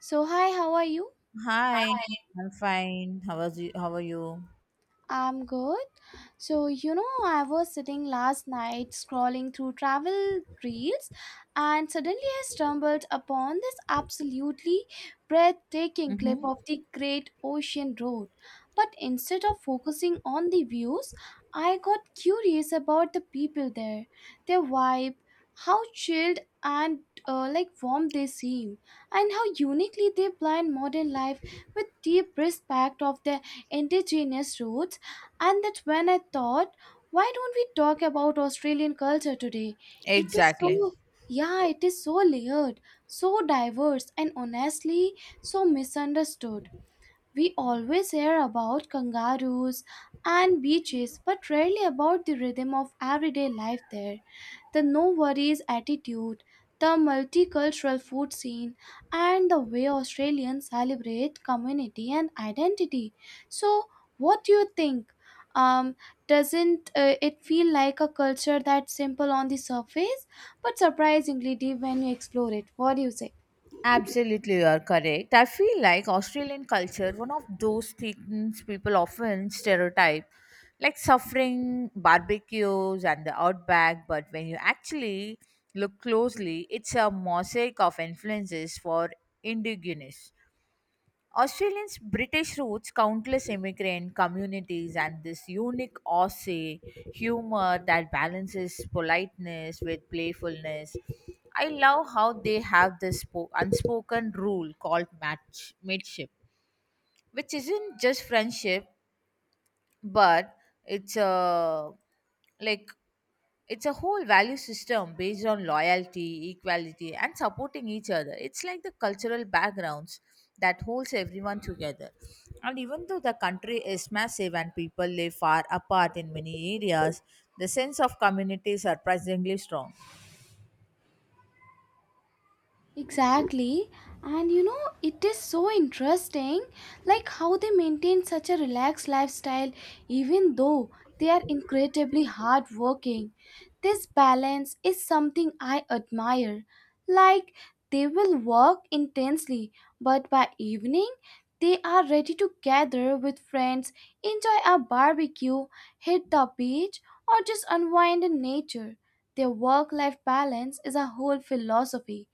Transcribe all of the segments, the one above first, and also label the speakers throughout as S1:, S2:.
S1: So, hi, how are you?
S2: Hi, I'm fine. How was you? How are you?
S1: I'm good. So, you know, I was sitting last night scrolling through travel reels and suddenly I stumbled upon this absolutely breathtaking clip
S2: Mm-hmm.
S1: of the Great Ocean Road. But instead of focusing on the views, I got curious about the people there, their vibe, how chilled and like warm they seem, and how uniquely they blend modern life with deep respect of their indigenous roots. And that's when I thought, why don't we talk about Australian culture today? It is
S2: Exactly.
S1: so, yeah, it is so layered, so diverse, and honestly, so misunderstood. We always hear about kangaroos and beaches, but rarely about the rhythm of everyday life there. The no worries attitude, the multicultural food scene, and the way Australians celebrate community and identity. So, what do you think? Um, doesn't it feel like a culture that's simple on the surface, but surprisingly deep when you explore it? What do you say?
S2: Absolutely, you are correct. I feel like Australian culture, one of those things people often stereotype, like suffering, barbecues, and the outback. But when you actually look closely, it's a mosaic of influences for indigenous. Australians' British roots, countless immigrant communities, and this unique Aussie humor that balances politeness with playfulness. I love how they have this unspoken rule called mateship, which isn't just friendship, but it's a like it's a whole value system based on loyalty, equality, and supporting each other. It's like the cultural backgrounds that holds everyone together. And even though the country is massive and people live far apart in many areas, the sense of community is surprisingly strong.
S1: Exactly. And you know, it is so interesting like how they maintain such a relaxed lifestyle even though they are incredibly hardworking. This balance is something I admire. Like, they will work intensely, but by evening they are ready to gather with friends, enjoy a barbecue, hit the beach, or just unwind in nature. Their work life balance is a whole philosophy.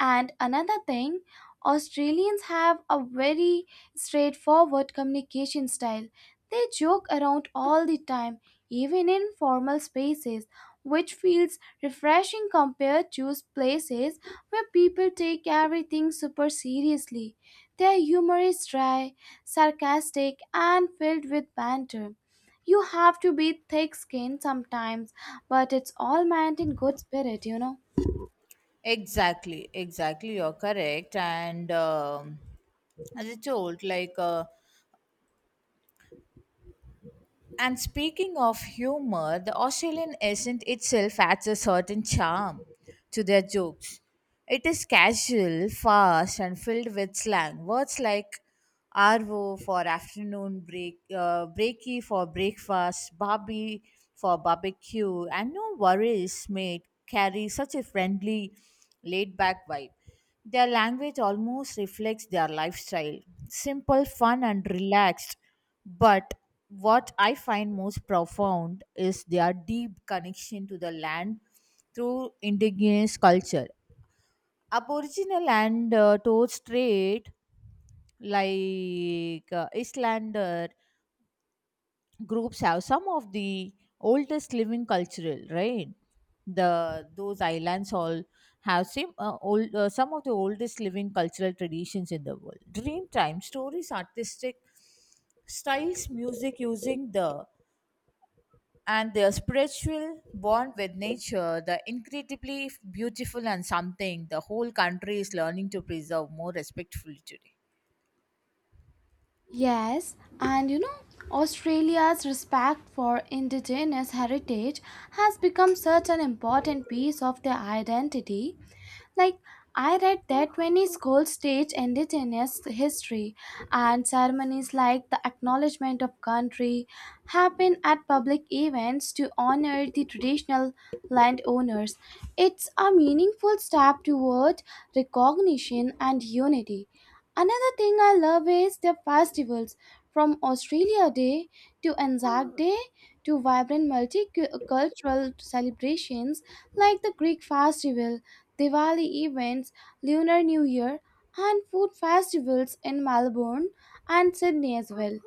S1: And another thing, Australians have a very straightforward communication style. They joke around all the time, even in formal spaces, which feels refreshing compared to places where people take everything super seriously. Their humor is dry, sarcastic, and filled with banter. You have to be thick skinned sometimes, but it's all meant in good spirit, you know.
S2: Exactly, exactly. You're correct. And as I told, and speaking of humor, the Australian accent itself adds a certain charm to their jokes. It is casual, fast, and filled with slang. Words like arvo for afternoon break, breaky for breakfast, barbie for barbecue, and no worries, mate, carry such a friendly, laid back vibe. Their language almost reflects their lifestyle simple, fun, and relaxed, but what I find most profound is their deep connection to the land through indigenous culture. Aboriginal and Torres Strait, Islander groups, have some of the oldest living cultural right. The those islands all have same old some of the oldest living cultural traditions in the world. Dreamtime stories, artistic styles, music using the and their spiritual bond with nature, the incredibly beautiful and something the whole country is learning to preserve more respectfully today.
S1: Yes, and you know, Australia's respect for indigenous heritage has become such an important piece of their identity. Like, I read that when his gold stage ended in his history, and ceremonies like the acknowledgement of country happen at public events to honor the traditional landowners. It's a meaningful step toward recognition and unity. Another thing I love is the festivals, from Australia Day to Anzac Day to vibrant multicultural celebrations like the Greek festival, Diwali events, Lunar New Year, and food festivals in Melbourne and Sydney as well.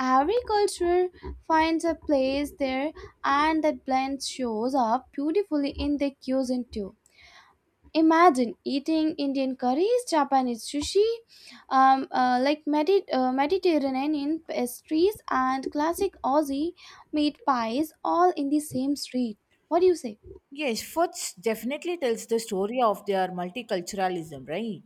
S1: Every culture finds a place there, and that blend shows up beautifully in their cuisine too. Imagine eating Indian curries, Japanese sushi, like Mediterranean pastries, and classic Aussie meat pies all in the same street. What do you say?
S2: Yes, foods definitely tells the story of their multiculturalism, right?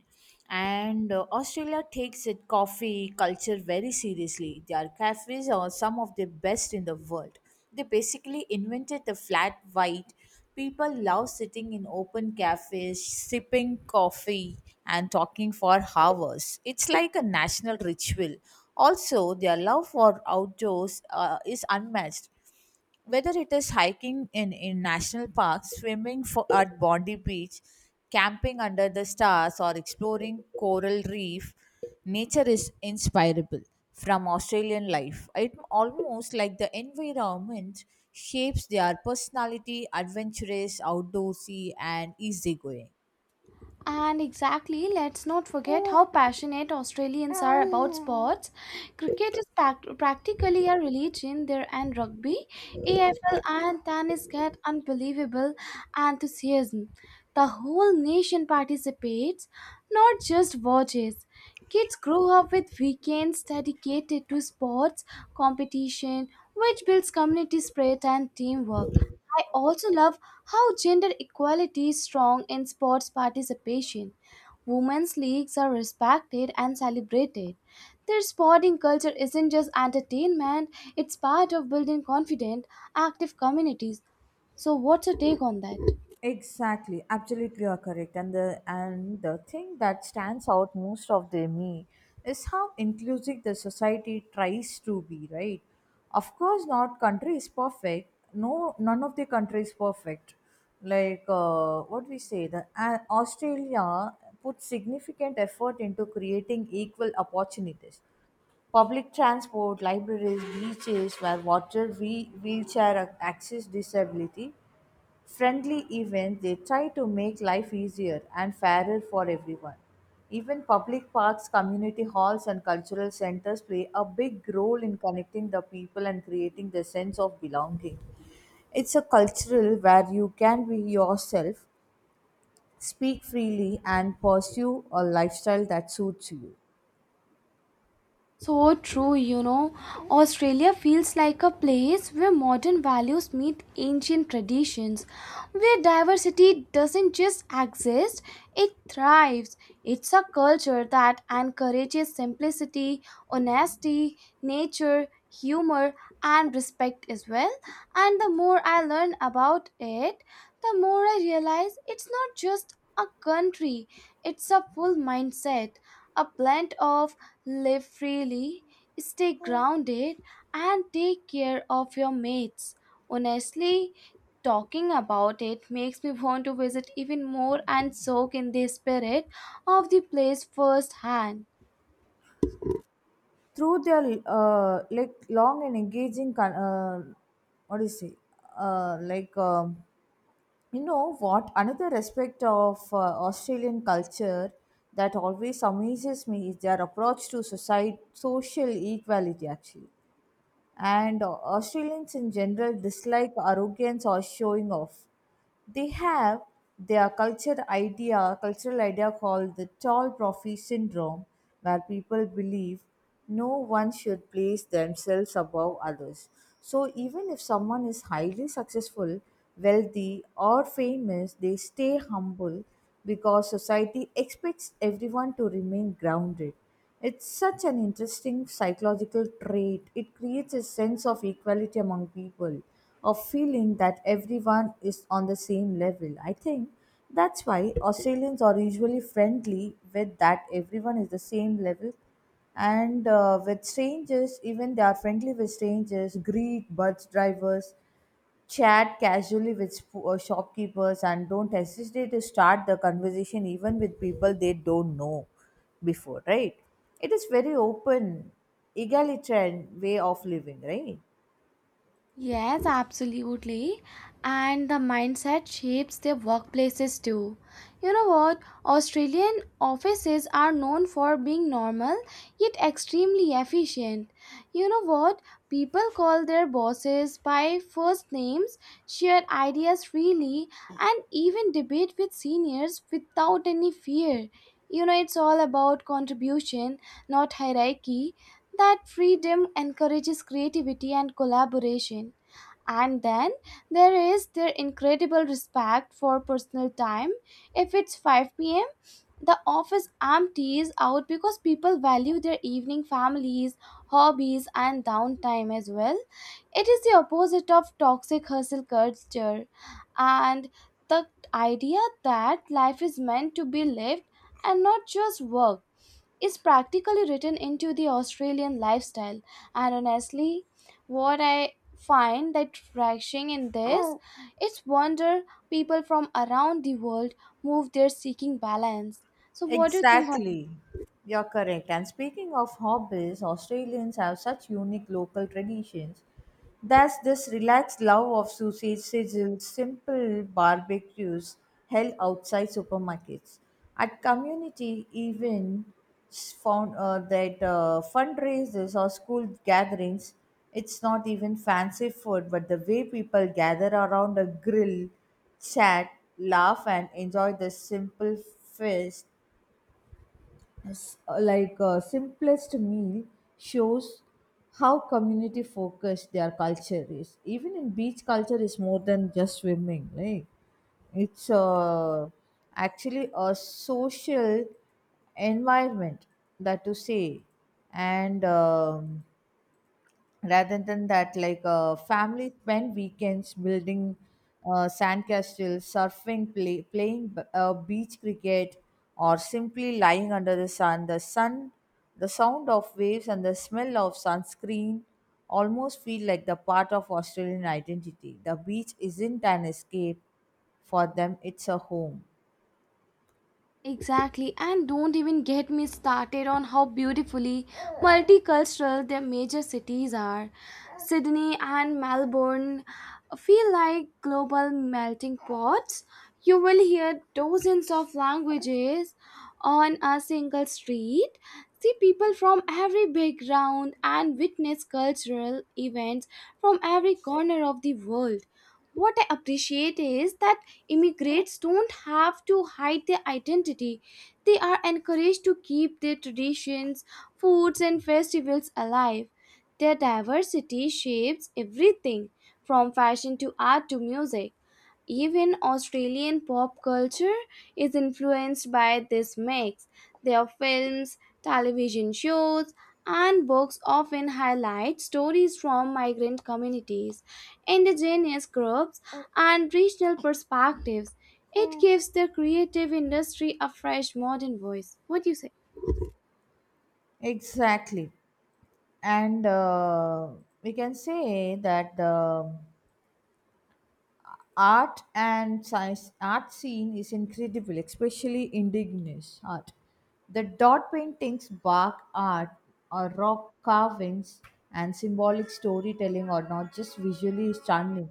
S2: And Australia takes its coffee culture very seriously. Their cafes are some of the best in the world. They basically invented the flat white. People love sitting in open cafes, sipping coffee, and talking for hours. It's like a national ritual. Also, their love for outdoors is unmatched, whether it is hiking in national parks, swimming at Bondi Beach, camping under the stars, or exploring coral reef, nature is inspirable from Australian life. It almost like the environment shapes their personality, adventurous, outdoorsy, and easygoing.
S1: And exactly, let's not forget how passionate Australians are about sports. Cricket is practically a religion there, and rugby, AFL, and tennis get unbelievable enthusiasm. The whole nation participates, not just watches. Kids grow up with weekends dedicated to sports, competition, which builds community spirit and teamwork. I also love how gender equality is strong in sports participation. Women's leagues are respected and celebrated. Their sporting culture isn't just entertainment, it's part of building confident, active communities. So, what's your take on that?
S2: Exactly, absolutely you are correct. And the thing that stands out most of the me is how inclusive the society tries to be, right? Of course, not country is perfect. No, none of the country is perfect. Like what we say, the Australia put significant effort into creating equal opportunities. Public transport, libraries, beaches where wheelchair access disability friendly events, they try to make life easier and fairer for everyone. Even public parks, community halls, and cultural centers play a big role in connecting the people and creating the sense of belonging. It's a cultural where you can be yourself, speak freely, and pursue a lifestyle that suits you.
S1: So true, you know. Australia feels like a place where modern values meet ancient traditions, where diversity doesn't just exist, it thrives. It's a culture that encourages simplicity, honesty, nature, humor, and respect as well. And the more I learn about it, the more I realize it's not just a country, it's a full mindset, a blend of: live freely, stay grounded, and take care of your mates. Honestly, talking about it makes me want to visit even more and soak in the spirit of the place firsthand.
S2: Through their like long and engaging con- what do you say like you know what, another aspect of Australian culture that always amazes me is their approach to society, social equality actually. And Australians in general dislike arrogance or showing off. They have their cultural idea called the tall trophy syndrome, where people believe no one should place themselves above others. So even if someone is highly successful, wealthy, or famous, they stay humble because society expects everyone to remain grounded. It's such an interesting psychological trait. It creates a sense of equality among people, of feeling that everyone is on the same level. I think that's why Australians are usually friendly with that everyone is the same level. And with strangers, even they are friendly with strangers, Greek, bus drivers, chat casually with shopkeepers and don't hesitate to start the conversation even with people they don't know before, right? It is very open, egalitarian way of living, right?
S1: Yes, absolutely. And the mindset shapes their workplaces too. You know what? Australian offices are known for being normal yet extremely efficient. You know what? People call their bosses by first names, share ideas freely, and even debate with seniors without any fear. You know, it's all about contribution, not hierarchy. That freedom encourages creativity and collaboration. And then there is their incredible respect for personal time. If it's 5 p.m., the office empties out because people value their evening families, hobbies, and downtime as well. It is the opposite of toxic hustle culture, and the idea that life is meant to be lived and not just work is practically written into the Australian lifestyle. And honestly, what I find that refreshing in this, it's wonder people from around the world move there seeking balance. So what do you think on?
S2: Exactly. You're correct. And speaking of hobbies, Australians have such unique local traditions. There's this relaxed love of sausage sizzles, simple barbecues held outside supermarkets. At community events, found that fundraisers or school gatherings, it's not even fancy food, but the way people gather around a grill, chat, laugh, and enjoy the simple feast s- like simplest meal shows how community focused their culture is. Even in beach culture is more than just swimming, right? It's actually a social environment, that to say. And rather than that, family spend weekends building sandcastles, surfing, playing beach cricket, or simply lying under the sun. The sound of waves and the smell of sunscreen almost feel like the part of Australian identity. The beach isn't an escape for them, it's a home.
S1: Exactly, and don't even get me started on how beautifully multicultural their major cities are. Sydney and Melbourne feel like global melting pots. You will hear dozens of languages on a single street, see people from every background, and witness cultural events from every corner of the world. What I appreciate is that immigrants don't have to hide their identity. They are encouraged to keep their traditions, foods, and festivals alive. Their diversity shapes everything from fashion to art to music. Even Australian pop culture is influenced by this mix. Their films, television shows, and books often highlight stories from migrant communities, indigenous groups, and regional perspectives. It gives the creative industry a fresh modern voice. What do you say?
S2: Exactly. And we can say that the art and science art scene is incredible, especially indigenous art. The dot paintings, bark art, or rock carvings and symbolic storytelling are not just visually stunning,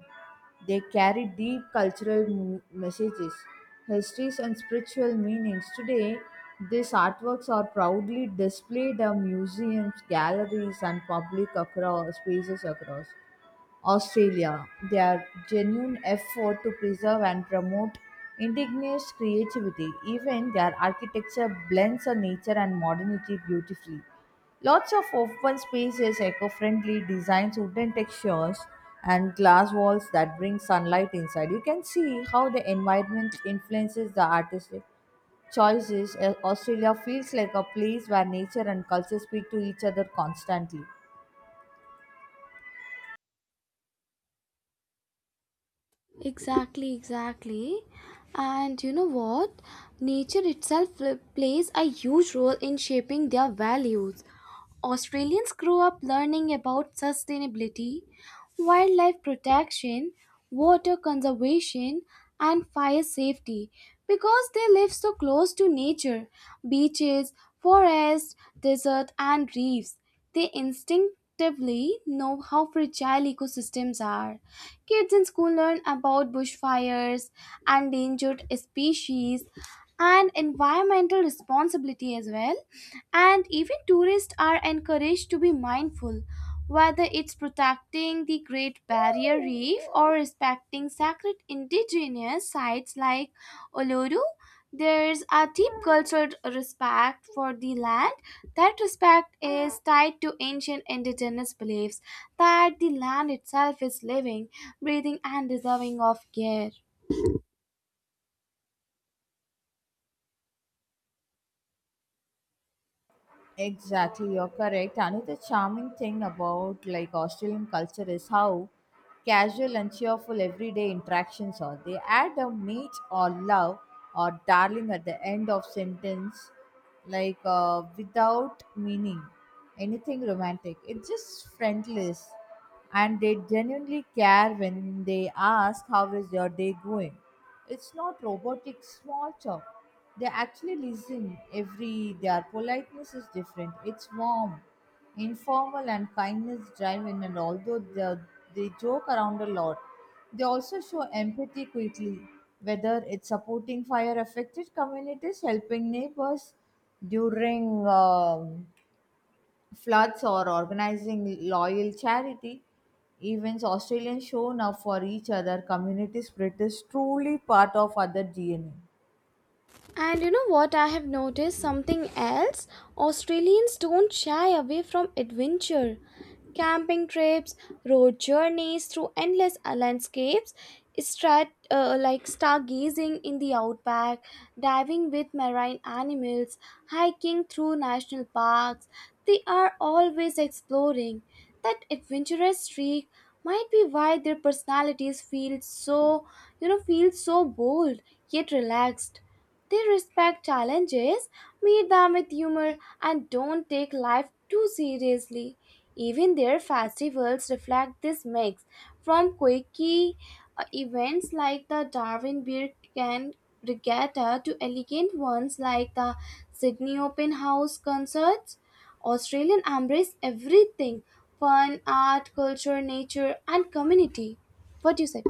S2: they carry deep cultural messages, histories, and spiritual meanings. Today these artworks are proudly displayed in museums, galleries, and public across spaces across Australia, their genuine effort to preserve and promote indigenous creativity. Even their architecture blends a nature and modernity beautifully. Lots of open spaces, eco-friendly designs, wooden textures, and glass walls that bring sunlight inside. You can see how the environment influences the artistic choices. Australia feels like a place where nature and culture speak to each other constantly.
S1: Exactly, exactly. And you know what? Nature itself plays a huge role in shaping their values. Australians grow up learning about sustainability, wildlife protection, water conservation, and fire safety because they live so close to nature: beaches, forests, desert, and reefs. They instinctively know how fragile ecosystems are. Kids in school learn about bushfires, endangered species, and environmental responsibility as well. And even tourists are encouraged to be mindful, whether it's protecting the Great Barrier Reef or respecting sacred indigenous sites like Olodu. There's a deep cultural respect for the land. That respect is tied to ancient indigenous beliefs that the land itself is living, breathing, and deserving of care.
S2: Exactly, you're correct. Another charming thing about like Australian culture is how casual and cheerful everyday interactions are. They add a mate or love or darling at the end of sentence, without meaning anything romantic. It's just friendless and they genuinely care when they ask how is your day going. It's not robotic small talk, they actually listen, every. Their politeness is different, it's warm, informal, and kindness driven. And they joke around a lot, they also show empathy quickly, whether it's supporting fire affected communities, helping neighbors during floods, or organizing loyal charity events. Australians shown up for each other. Community spirit is truly part of other DNA.
S1: And you know what? I have noticed something else. Australians don't shy away from adventure. Camping trips, road journeys through endless landscapes, like stargazing in the outback, diving with marine animals, hiking through national parks. They are always exploring. That adventurous streak might be why their personalities feel so, you know, feel so bold yet relaxed. They respect challenges, meet them with humor, and don't take life too seriously. Even their festivals reflect this mix, from quirky events like the Darwin Beer Can Regatta to elegant ones like the Sydney Open House concerts. Australian embrace everything: fun, art, culture, nature, and community. What do you say?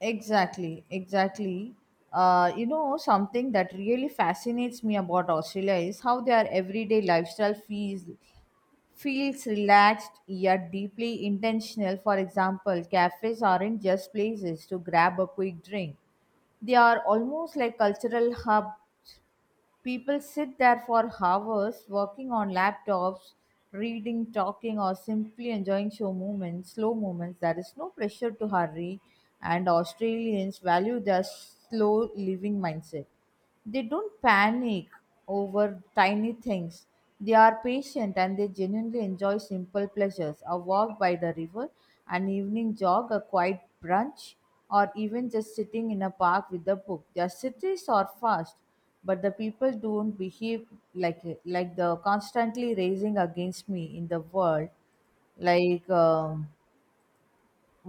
S2: Exactly, exactly. You know, something that really fascinates me about Australia is how their everyday lifestyle feels relaxed yet deeply intentional. For example, cafes aren't just places to grab a quick drink, they are almost like cultural hubs. People sit there for hours working on laptops, reading, talking, or simply enjoying show moments. Slow moments. There is no pressure to hurry, and Australians value their slow living mindset. They don't panic over tiny things. They are patient and they genuinely enjoy simple pleasures, a walk by the river, an evening jog, a quiet brunch, or even just sitting in a park with a book. Their cities are fast, but the people don't behave like the constantly raising against me in the world, like um,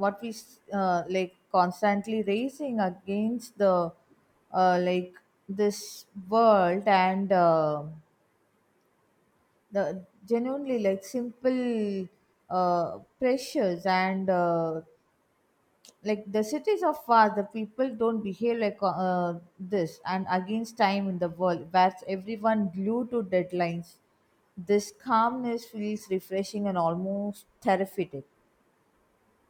S2: like constantly racing against the like this world. And the genuinely like simple pressures, and like the cities of far, the people don't behave this and against time in the world where everyone glued to deadlines. This calmness feels refreshing and almost therapeutic.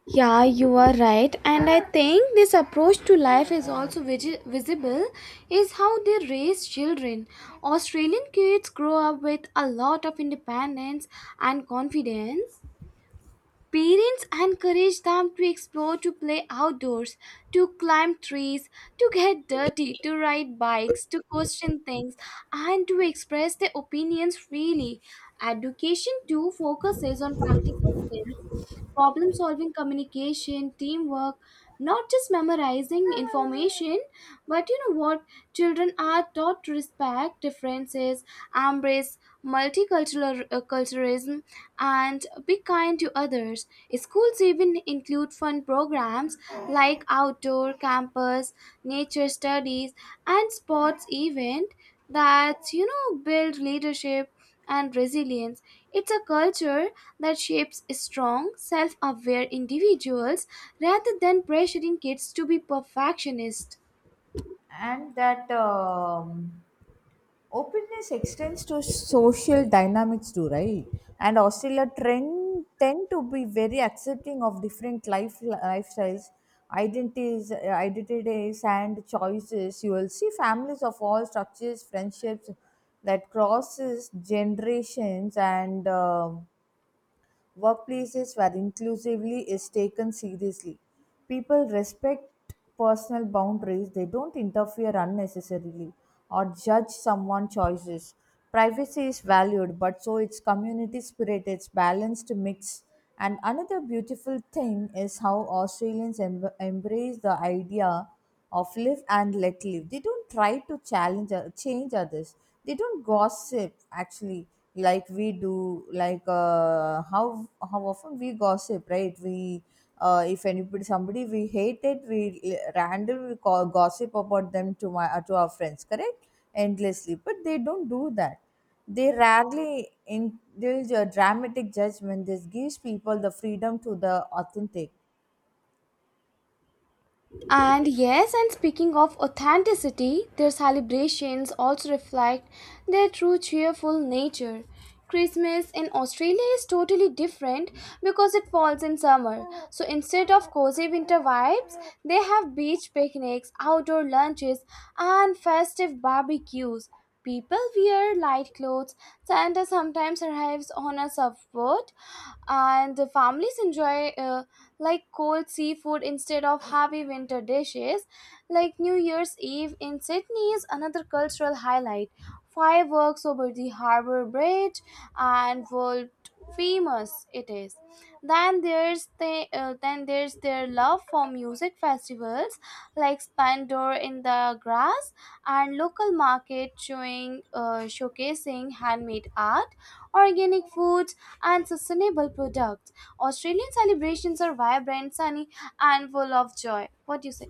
S1: Yeah, you are right. And I think this approach to life is also visible is how they raise children. Australian kids grow up with a lot of independence and confidence. Parents encourage them to explore, to play outdoors, to climb trees, to get dirty, to ride bikes, to question things, and to express their opinions freely. Education, too, focuses on practical skills, problem solving, communication, teamwork, not just memorizing information. But you know what? Children are taught to respect differences, embrace multicultural culturalism, and be kind to others. Schools even include fun programs like outdoor campus, nature studies, and sports event that, you know, build leadership and resilience. It's a culture that shapes strong, self-aware individuals rather than pressuring kids to be perfectionists.
S2: And that openness extends to social dynamics too, right? And Australia trend tend to be very accepting of different lifestyles, identities uh, identities and choices. You will see families of all structures, friendships that crosses generations, and workplaces where inclusively is taken seriously. People respect personal boundaries, they don't interfere unnecessarily or judge someone's choices. Privacy is valued, but so its community spirit, its balanced mix. And another beautiful thing is how Australians embrace the idea of live and let live. They don't try to challenge or change others. They don't gossip actually like we do. How often we gossip, right? We if anybody somebody we hated, we random we call gossip about them to my to our friends, correct? Endlessly, but they don't do that. They rarely in there's a dramatic judgment. This gives people the freedom to the authentic.
S1: And yes, and speaking of authenticity, their celebrations also reflect their true cheerful nature. Christmas in Australia is totally different because it falls in summer. So instead of cozy winter vibes, they have beach picnics, outdoor lunches, and festive barbecues. People wear light clothes. Santa sometimes arrives on a surfboard, and the families enjoy like cold seafood instead of heavy winter dishes. Like New Year's Eve in Sydney is another cultural highlight. Fireworks over the harbour bridge and world famous it is. Then there's the then there's their love for music festivals like spandor in the grass and local market showing showcasing handmade art, organic foods, and sustainable products. Australian celebrations are vibrant, sunny, and full of joy. What do you say?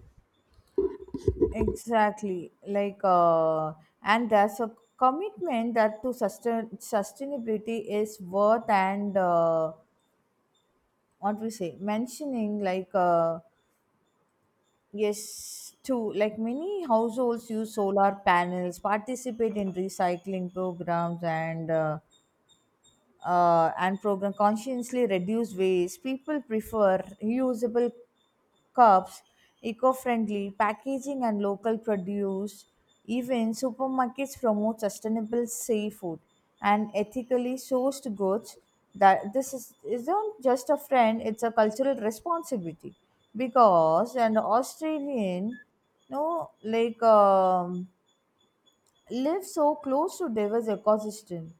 S2: Exactly. And there's a commitment that to sustainability is worth. And what we say mentioning like yes too, like many households use solar panels, participate in recycling programs, and program consciously reduce waste. People prefer reusable cups, eco friendly packaging, and local produce. Even supermarkets promote sustainable seafood and ethically sourced goods. That this is isn't just a friend; it's a cultural responsibility. Because an Australian, no, live so close to diverse ecosystems.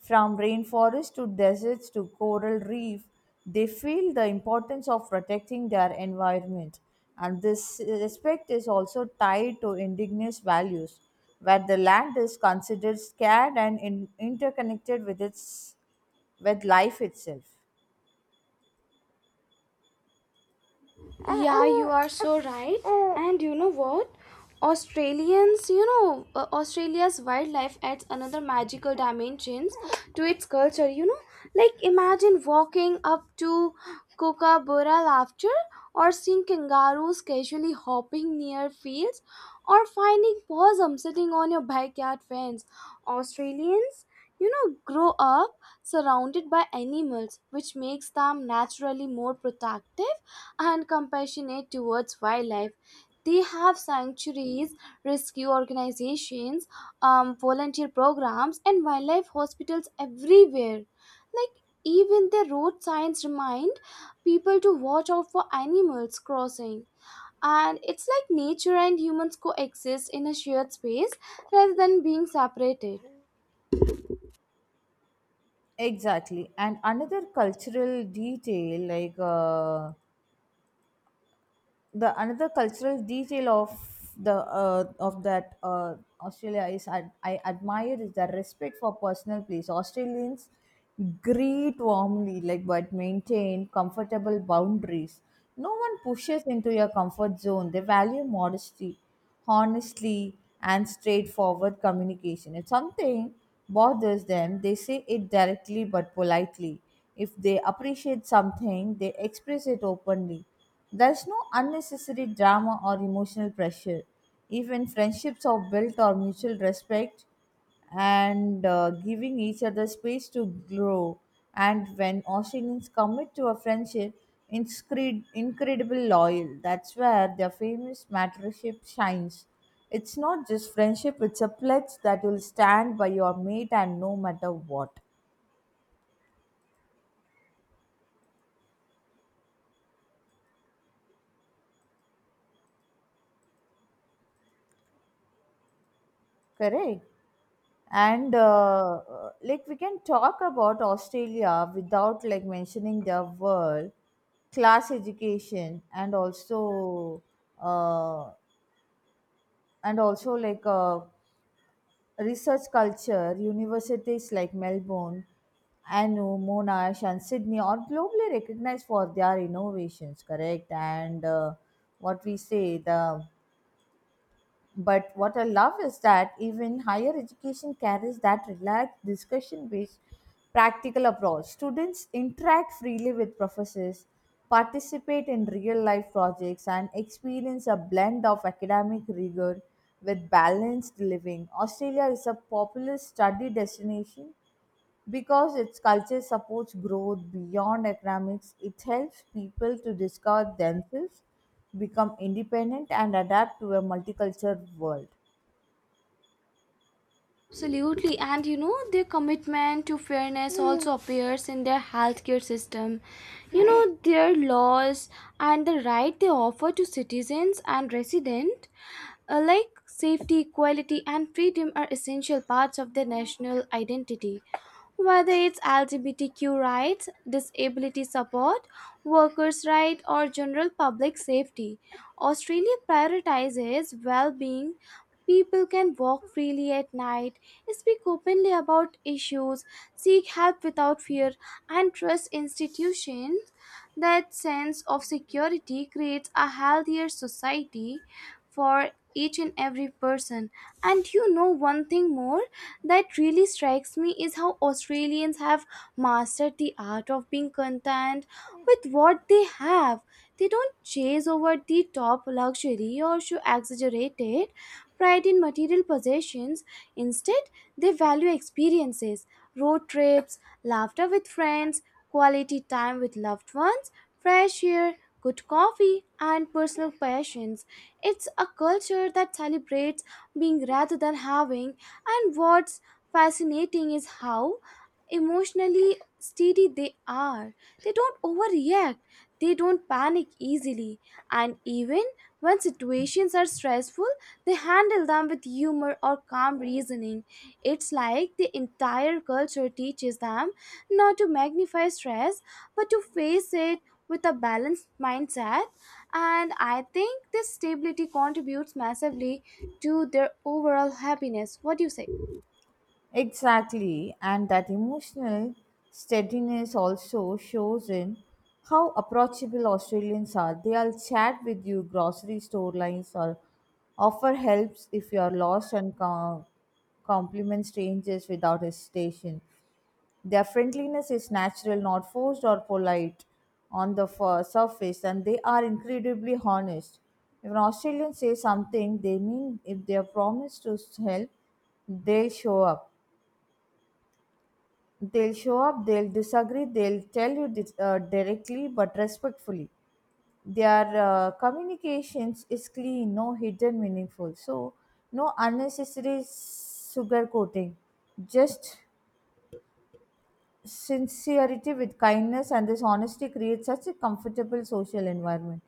S2: From rainforests to deserts to coral reef, they feel the importance of protecting their environment. And this respect is also tied to indigenous values, where the land is considered scared and interconnected with its with life itself.
S1: Yeah, you are so right. And you know what? Australia's wildlife adds another magical dimensions to its culture, you know? Like imagine walking up to Kookaburra laughter or seeing kangaroos casually hopping near fields or finding possum sitting on your backyard fence. Australians, you know, grow up surrounded by animals, which makes them naturally more protective and compassionate towards wildlife. They have sanctuaries, rescue organizations, volunteer programs, and wildlife hospitals everywhere. Like, even their road signs remind people to watch out for animals crossing. And it's like nature and humans coexist in a shared space rather than being separated.
S2: Exactly. And another cultural detail, like the another cultural detail of the of that Australia is I admire is the respect for personal place. Australians greet warmly, like but maintain comfortable boundaries. No one pushes into your comfort zone. They value modesty, honesty, and straightforward communication. If something bothers them, they say it directly but politely. If they appreciate something, they express it openly. There's no unnecessary drama or emotional pressure. Even friendships are built on mutual respect and giving each other space to grow. And when Australians commit to a friendship, incredible loyal. That's where their famous mattership shines. It's not just friendship, it's a pledge that you'll stand by your mate and no matter what. Correct? And like we can talk about Australia without like mentioning their world class education and also uh, and also like uh, research culture. Universities like Melbourne, ANU, Monash, and Sydney are globally recognized for their innovations, correct? And what we say the but what I love is that even higher education carries that relaxed discussion based practical approach. Students interact freely with professors, participate in real life projects, and experience a blend of academic rigor with balanced living. Australia is a popular study destination because its culture supports growth beyond economics, it helps people to discover themselves, become independent, and adapt to a multicultural world.
S1: Absolutely, and you know, their commitment to fairness also appears in their healthcare system. You know, their laws and the right they offer to citizens and residents, like safety, equality, and freedom are essential parts of their national identity. Whether it's LGBTQ rights, disability support, workers' rights, or general public safety, Australia prioritizes well being. People can walk freely at night, speak openly about issues, seek help without fear, and trust institutions. That sense of security creates a healthier society for each and every person. And you know, one thing more that really strikes me is how Australians have mastered the art of being content with what they have. They don't chase over the top luxury or show exaggerated pride in material possessions. Instead, they value experiences, road trips, laughter with friends, quality time with loved ones, fresh air, good coffee, and personal passions. It's a culture that celebrates being rather than having, and what's fascinating is how emotionally steady they are. They don't overreact, they don't panic easily, and even when situations are stressful, they handle them with humor or calm reasoning. It's like the entire culture teaches them not to magnify stress but to face it with a balanced mindset, and I think this stability contributes massively to their overall happiness. What do you say?
S2: Exactly, and that emotional steadiness also shows in how approachable Australians are. They'll chat with you, grocery store lines, or offer helps if you're lost, and compliment strangers without hesitation. Their friendliness is natural, not forced or polite on the surface, and they are incredibly honest. If an Australian says something, they mean if they are promised to help, they'll show up. They'll show up, they'll disagree, they'll tell you directly but respectfully. Their communications is clean, no hidden meaningful. So, no unnecessary sugar coating, just sincerity with kindness, and this honesty creates such a comfortable social environment.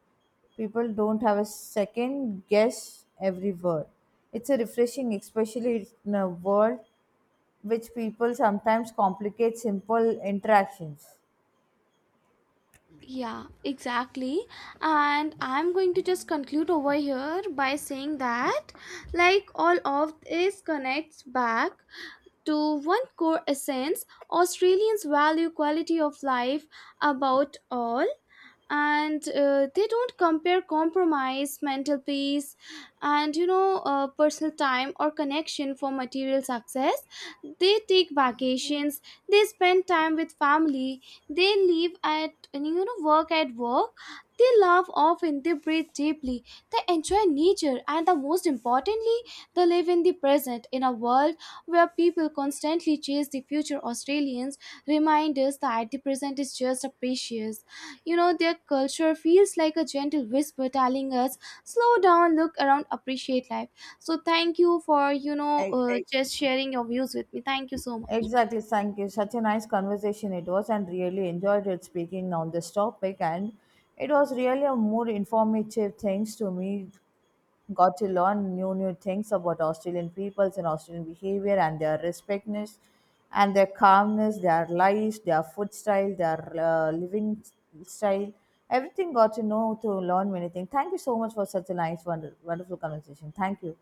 S2: People don't have a second guess every word. It's a refreshing, especially in a world which people sometimes complicate simple interactions.
S1: Yeah, exactly. And I'm going to just conclude over here by saying that, like, all of this connects back to one core essence. Australians value quality of life above all, and they don't compare compromise mental peace and, you know, personal time or connection for material success. They take vacations, they spend time with family, they live at and, you know, work at work, they laugh often, they breathe deeply, they enjoy nature, and the most importantly, they live in the present. In a world where people constantly chase the future, Australians remind us that the present is just a precious, you know, their culture feels like a gentle whisper telling us, slow down, look around, appreciate life. So thank you for, you know,
S2: E-
S1: just sharing your views with me. Thank you so much.
S2: Exactly, thank you. Such a nice conversation it was, and really enjoyed it speaking on this topic. And it was really a more informative things to me. Got to learn new things about Australian peoples and Australian behavior and their respectness, and their calmness, their lives, their food style, their living style. Everything got to know to learn many things. Thank you so much for such a nice, wonderful conversation. Thank you.